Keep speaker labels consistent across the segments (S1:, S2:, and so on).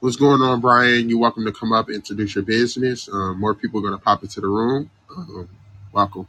S1: What's going on, Brian? You're welcome to come up and introduce your business. Um, more people are going to pop into the room. Um, welcome.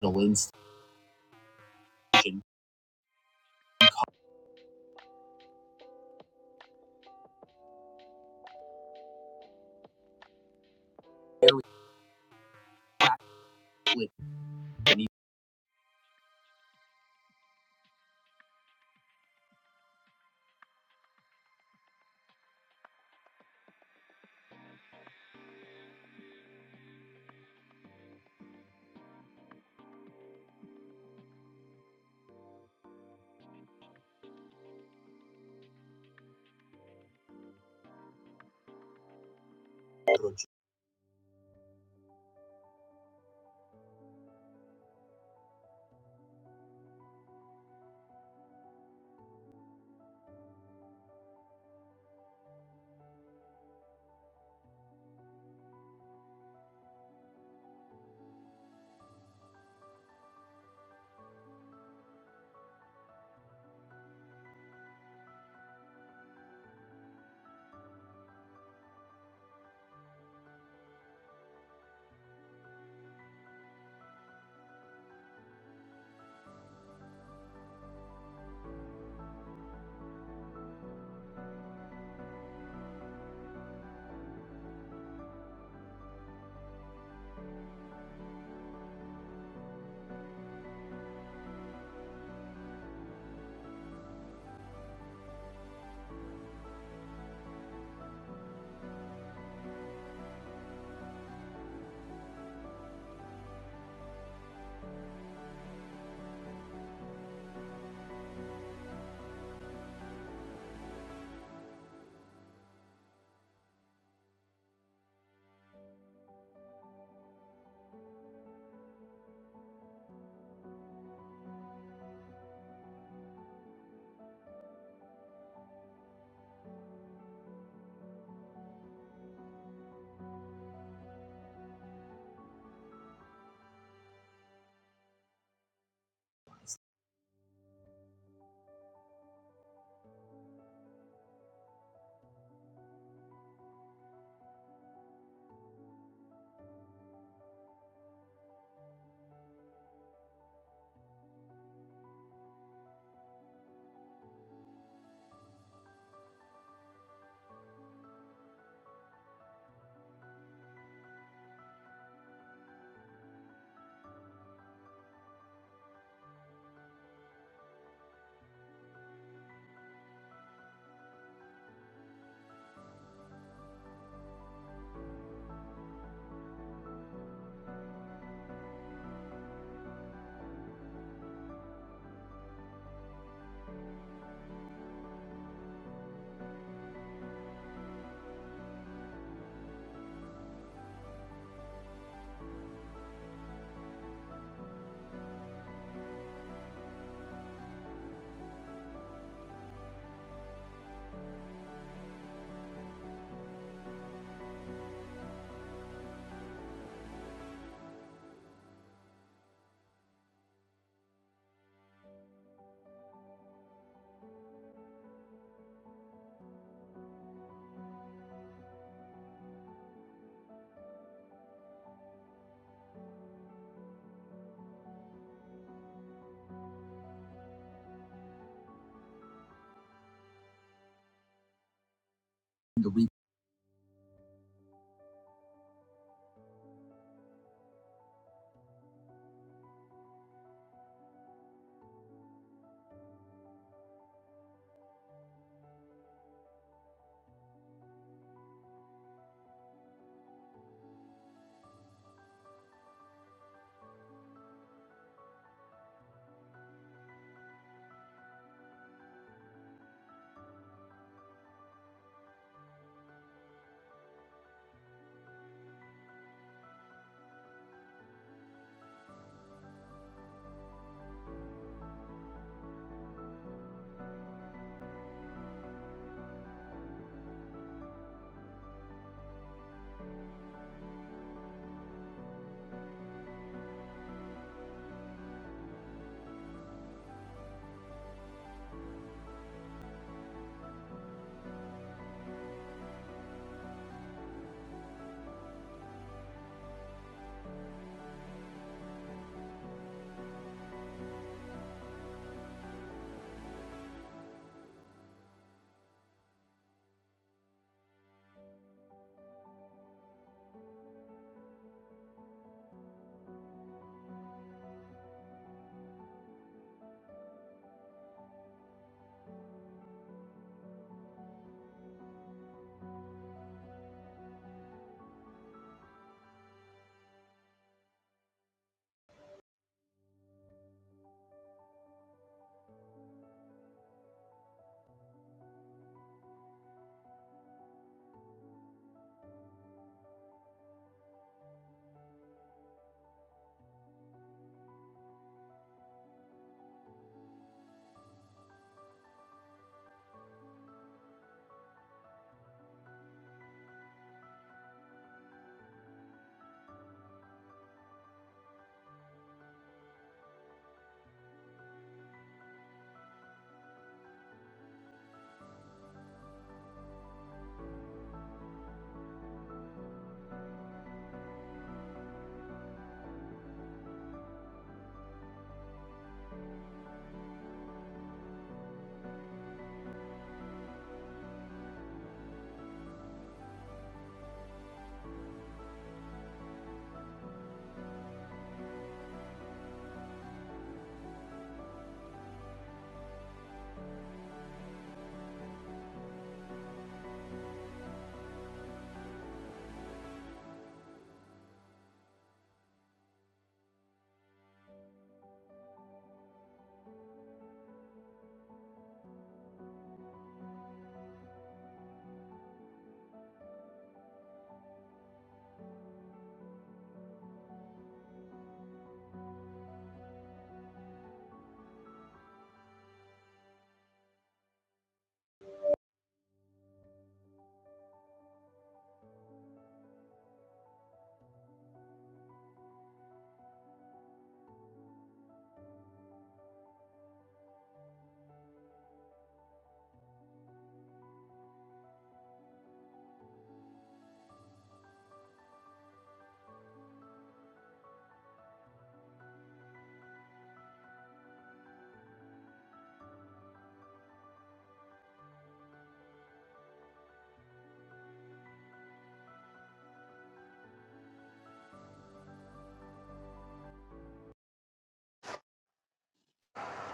S1: The Lynn Station.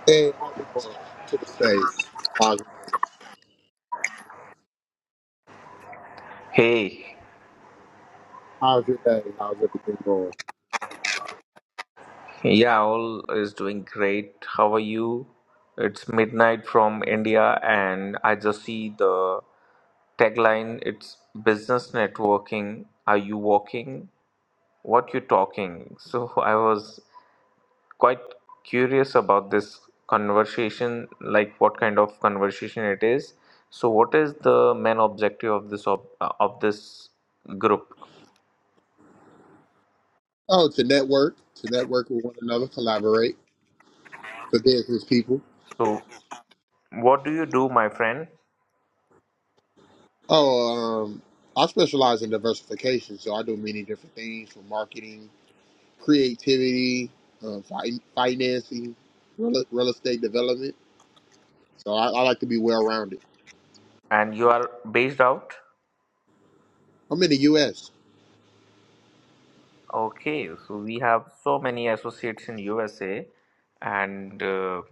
S1: Hey, how's it going? Welcome to the stage. How's your day going?
S2: Hey,
S1: How's your day? How's everything going?
S2: yeah, all is doing great. How are you? It's midnight from India, and I just see the tagline. It's business networking. Are you walking? What you talking? So I was quite curious about this conversation, like what kind of conversation it is. So what is the main objective of this ob uh, of this group?
S1: Oh, to network, to network with one another, collaborate for business people.
S2: So what do you do, my friend?
S1: Oh, um, I specialize in diversification, so I do many different things from marketing, creativity, uh, fi- financing, real, real estate development. So I, I like to be well rounded.
S2: And you are based out?
S1: I'm in the U.S.
S2: Okay, so we have so many associates in USA, and uh,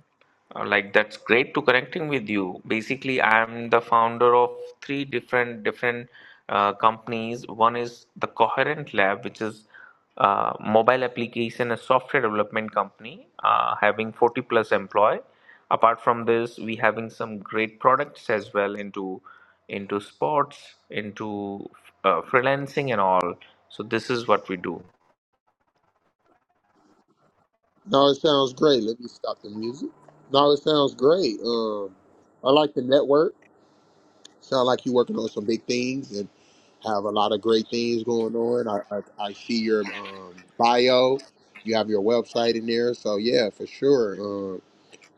S2: uh, like that's great to connecting with you. Basically, I'm the founder of three different different uh, companies. One is the Coherent Lab, which is uh, mobile application and software development company, uh, having 40 plus employee. Apart from this, we having some great products as well into into sports, into uh, freelancing and all. So this is what we do.
S1: No, it sounds great. Let me stop the music. No, it sounds great. Um, I like the network. Sound like you're working on some big things and have a lot of great things going on. I I, I see your um, bio. You have your website in there, so yeah, for sure. Um,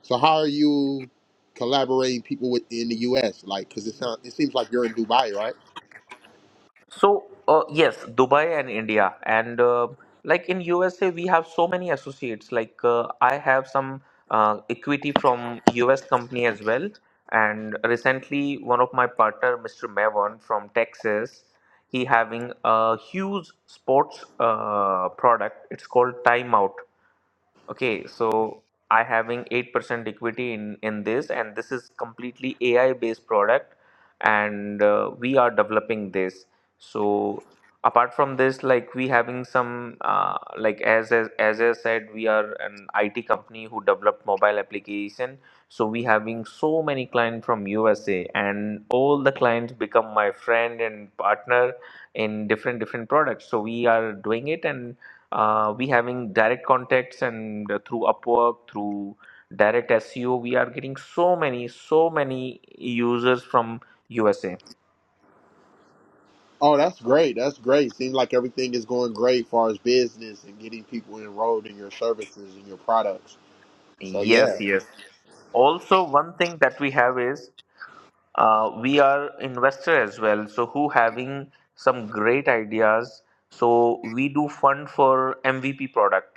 S1: so how are you collaborating people with in the U.S. like? Because it sounds it seems like you're in Dubai, right?
S2: So, uh, yes, Dubai and India. And uh, like in USA, we have so many associates. Like uh, I have some uh, equity from US company as well. And recently, one of my partner, Mr. Mevon from Texas, he having a huge sports uh, product. It's called Timeout. Okay, so I having 8% equity in in this and this is completely AI based product and uh, we are developing this. So apart from this like we having some uh, like as, as as I said we are an IT company who developed mobile application. So we having so many clients from USA and all the clients become my friend and partner in different different products. So we are doing it and uh, we having direct contacts and uh, through upwork through direct seo we are getting so many so many users from usa
S1: Oh, that's great. That's great. Seems like everything is going great as far as business and getting people enrolled in your services and your products. So
S2: yes
S1: yeah.
S2: yes also one thing that we have is uh, we are investor as well so who having some great ideas so we do fund for mvp product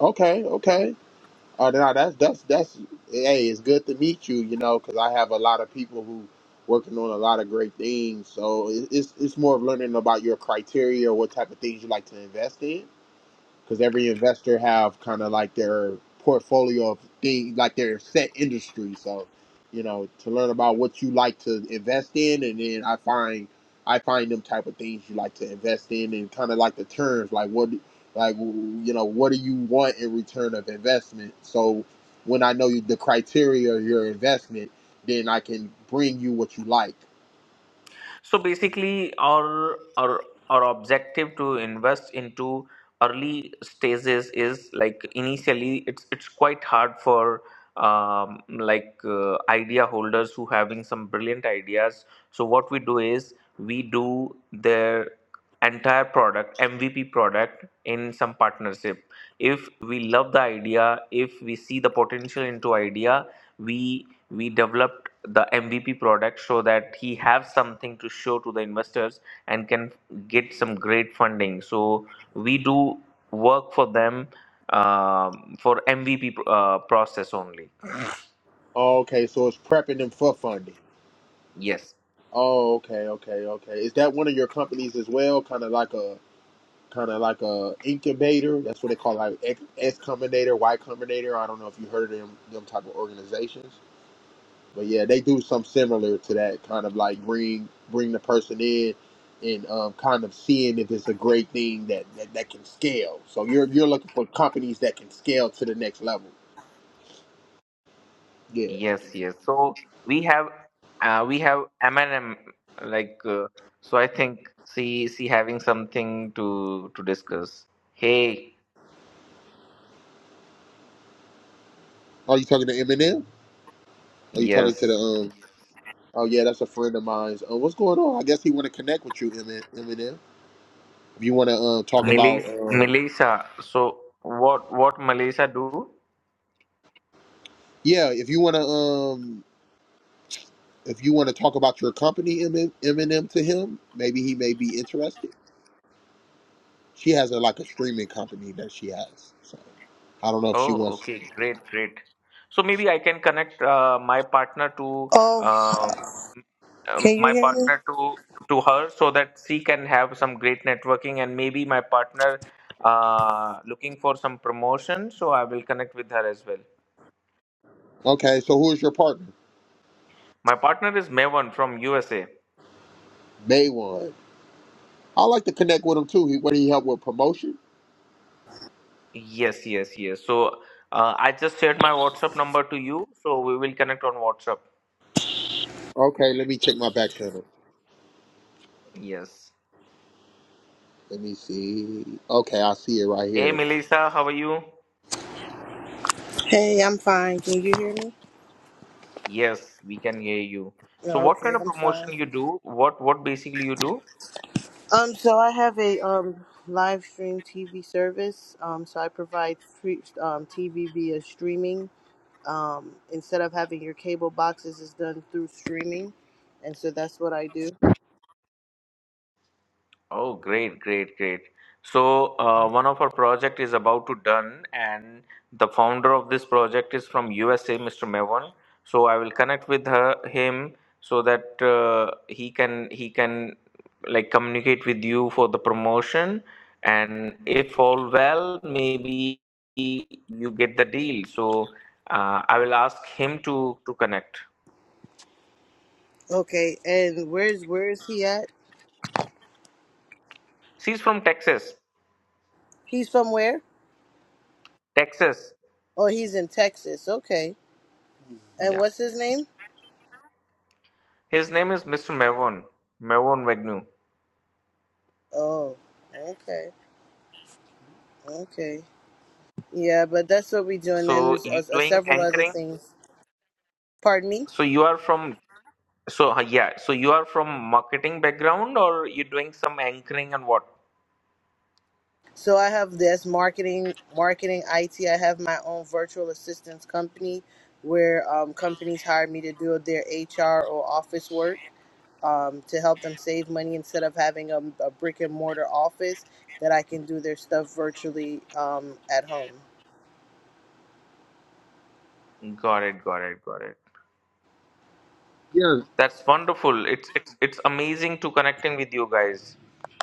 S1: Okay, okay. Uh, now that's that's that's hey, it's good to meet you. You know, because I have a lot of people who working on a lot of great things. So it, it's it's more of learning about your criteria, what type of things you like to invest in, because every investor have kind of like their portfolio of things like their set industry so you know to learn about what you like to invest in and then i find i find them type of things you like to invest in and kind of like the terms like what like you know what do you want in return of investment so when i know you, the criteria of your investment then i can bring you what you like
S2: So basically, our our our objective to invest into early stages is like initially it's it's quite hard for um, like uh, idea holders who having some brilliant ideas. So what we do is we do their entire product MVP product in some partnership. If we love the idea, if we see the potential into idea, we we develop the MVP product so that he has something to show to the investors and can get some great funding. So we do work for them um for MVP uh, process only.
S1: oh, okay so it's prepping them for funding
S2: Yes,
S1: Oh, okay, okay, okay. Is that one of your companies as well? Kind of like a kind of like a incubator. That's what they call it, like X Combinator, Y Combinator. I don't know if you heard of them them type of organizations, but yeah, they do something similar to that kind of like bring bring the person in and um, kind of seeing if it's a great thing that, that that can scale. So you're you're looking for companies that can scale to the next level. Yeah.
S2: yes, yes. So we have uh, we have M and M like uh, so. I think she she having something to to discuss. Hey,
S1: Are you talking to Eminem? Are you talking to the
S2: yes,
S1: um? Oh yeah, that's a friend of mine's. Uh, what's going on? I guess he want to connect with you, Emin- Eminem. If you want to uh, talk about
S2: Melis-
S1: uh,
S2: Melissa. So what what Melissa do?
S1: Yeah, if you want to, um, if you want to talk about your company, M- Eminem, to him, maybe he may be interested. She has a like a streaming company that she has. So I don't know if she
S2: Oh,
S1: wants. To.
S2: okay, great, great. So maybe I can connect uh, my partner to
S3: Oh,
S2: uh, um,
S3: can you
S2: my
S3: hear me?
S2: partner to to her so that she can have some great networking and maybe my partner uh, looking for some promotion. So I will connect with her as well.
S1: Okay, so who is your partner?
S2: My partner is Mevan from USA.
S1: May one. I like to connect with him too. He what he help with promotion?
S2: Yes, yes, yes. So uh, I just shared my WhatsApp number to you. So we will connect on WhatsApp.
S1: Okay, let me check my back channel.
S2: Yes.
S1: Let me see. Okay, I see it right
S2: Hey,
S1: here.
S2: Melissa, how are you?
S3: Hey, I'm fine. Can you hear me?
S2: Yes, we can hear you.
S3: No,
S2: So what
S3: okay,
S2: kind of
S3: I'm fine.
S2: promotion you do? What what basically you do?
S3: Um, so I have a um live stream TV service. Um, so I provide free um TV via streaming. Um, instead of having your cable boxes, is done through streaming, and so that's what I do.
S2: Oh, great, great, great. So uh, one of our project is about to done, and the founder of this project is from USA, Mr. Mevon. So I will connect with her, him so that uh, he can he can like communicate with you for the promotion, and if all well, maybe you get the deal. So uh, I will ask him to to connect.
S3: Okay, and where's where is he at?
S2: She's from Texas.
S3: He's from where?
S2: Texas.
S3: Oh, he's in Texas. Okay, and
S2: Yeah.
S3: what's his name?
S2: His name is Mr. Mavon. Mavon Wagnu.
S3: Oh, okay, okay. Yeah, but that's what we do, and then
S2: So
S3: there's uh,
S2: you
S3: uh,
S2: doing
S3: several other
S2: anchoring?
S3: things. Pardon me.
S2: So you are from so uh, yeah. So you are from marketing background or you doing some anchoring and what?
S3: So I have this marketing, marketing IT. I have my own virtual assistance company, where um, companies hire me to do their HR or office work um, to help them save money instead of having a, a brick and mortar office that I can do their stuff virtually um, at home.
S2: Got it, got it, got it. That's wonderful. It's it's it's amazing to connecting with you guys.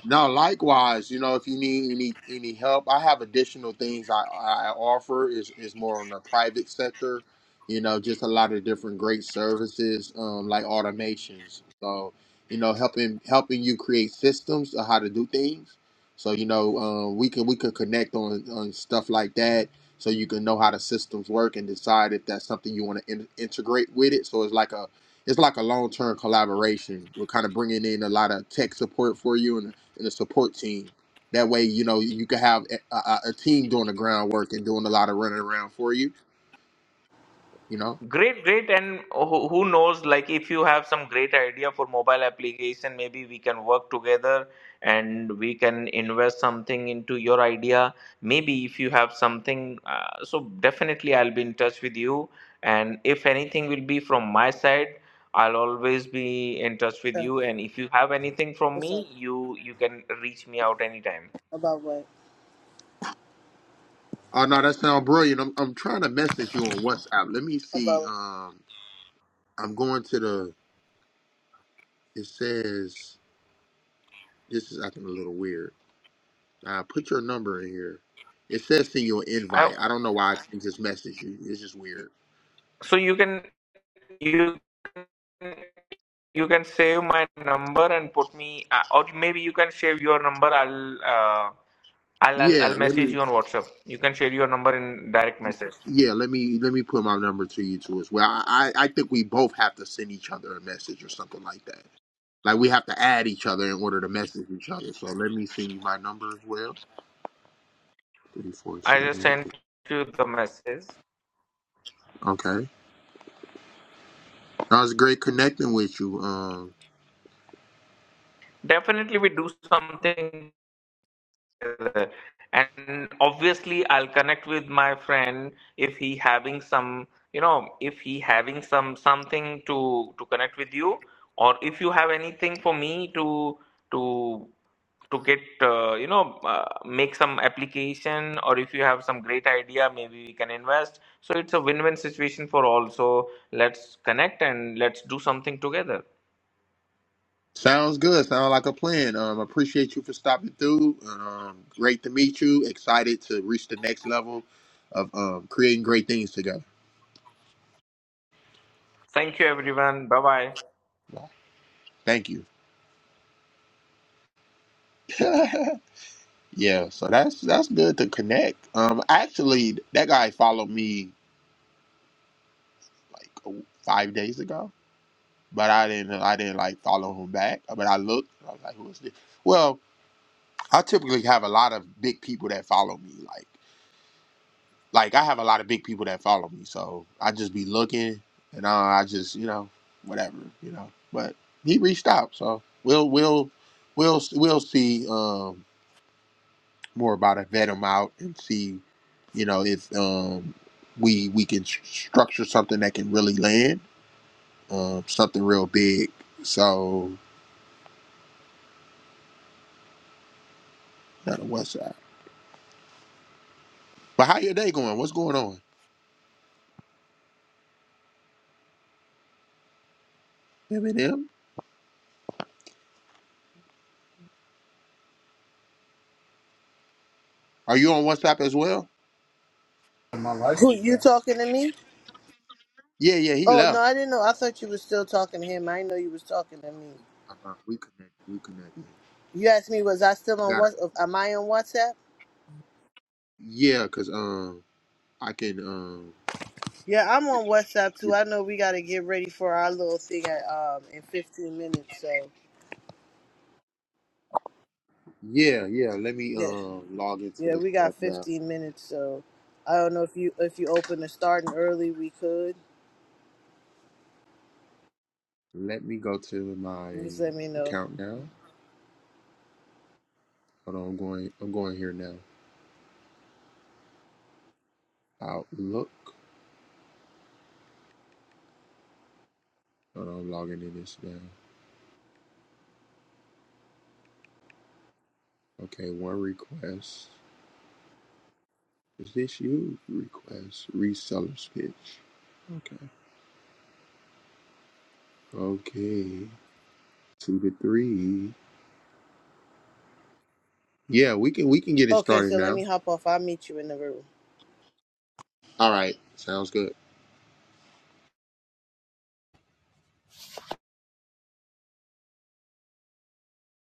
S1: No, likewise, you know, if you need any any help, I have additional things I, I offer is is more on the private sector, you know, just a lot of different great services, um, like automations. So, you know, helping helping you create systems of how to do things. So, you know, um, we can we could connect on on stuff like that, so you can know how the systems work and decide if that's something you want to in, integrate with it. So it's like a it's like a long term collaboration. We're kind of bringing in a lot of tech support for you and and a support team. That way, you know, you can have a, a, a team doing the groundwork and doing a lot of running around for you. You know.
S2: Great, great, and who who knows? Like, if you have some great idea for mobile application, maybe we can work together and we can invest something into your idea. Maybe if you have something, uh, so definitely I'll be in touch with you. And if anything will be from my side, I'll always be in touch with
S3: Uh,
S2: you. And if you have anything from
S3: what's
S2: me,
S3: up
S2: you you can reach me out anytime.
S3: about what
S1: Oh no, that sounds brilliant. I'm I'm trying to message you on WhatsApp. Let me see.
S3: about
S1: Um, I'm going to the. It says this is acting a little weird. Uh, put your number in here. It says send you an
S2: I,
S1: invite. I don't know why I can just message you. It's just weird.
S2: so you can you you can save my number and put me, uh, or maybe you can save your number. I'll, uh, I'll, I'll,
S1: Yeah,
S2: I'll
S1: let
S2: message
S1: me.
S2: you on WhatsApp. You can share your number in direct message.
S1: Yeah, let me let me put my number to you too as well. I I I think we both have to send each other a message or something like that. Like we have to add each other in order to message each other. So let me send you my number as well. Three four
S2: I just
S1: seven.
S2: sent you the message.
S1: Okay, that was great connecting with you. Um,
S2: Definitely, we do something together. And obviously, I'll connect with my friend if he having some, you know, if he having some something to to connect with you, or if you have anything for me to to to get uh, you know uh, make some application or if you have some great idea maybe we can invest so it's a win-win situation for all so let's connect and let's do something together
S1: sounds good. Sounds like a plan. Um, appreciate you for stopping through. Um, great to meet you. Excited to reach the next level of um creating great things together.
S2: thank you everyone bye bye
S1: Well, Thank you. Yeah, so that's that's good to connect. Um, actually, that guy followed me like a- five days ago, but I didn't I didn't like follow him back. But I looked, and I was like, who is this? Well, I typically have a lot of big people that follow me. Like like I have a lot of big people that follow me, so I just be looking, and I, I just you know whatever you know. But he reached out, so we'll we'll we'll we'll see. Um. more about it, vet them out, and see, you know, if um, we we can s- structure something that can really land, um, something real big. So not a WhatsApp. But how your day going? What's going on? Eminem, are you on WhatsApp as well?
S3: My life who you talking to me?
S1: Yeah, yeah, he
S3: Oh no,
S1: left.
S3: I didn't know. I thought you were still talking to him. I didn't know you was talking to me.
S1: Uh, we connected. We connected.
S3: You asked me, was I still on
S1: Got to
S3: what? Am I on WhatsApp?
S1: Yeah, cause um, I can um,
S3: Yeah, I'm on WhatsApp too.
S1: get-
S3: I know we got to get ready for our little thing at, um in 15 minutes. So
S1: yeah, yeah. Let me
S3: yeah,
S1: um log into
S3: yeah,
S1: this
S3: we got
S1: stuff now.
S3: 15 minutes. So I don't know if you if you open the starting early, we could.
S1: Let me go to my
S3: Just let me know.
S1: account now. Hold on, I'm going. I'm going here now. Outlook. Hold on, I'm logging in this now. Okay, one request. Is this you? Request. Reseller's pitch. Okay. Okay. Two to three. Yeah, we can we can get it
S3: Okay,
S1: started
S3: so let
S1: now.
S3: me hop off. I'll meet you in the room.
S1: All right. Sounds good.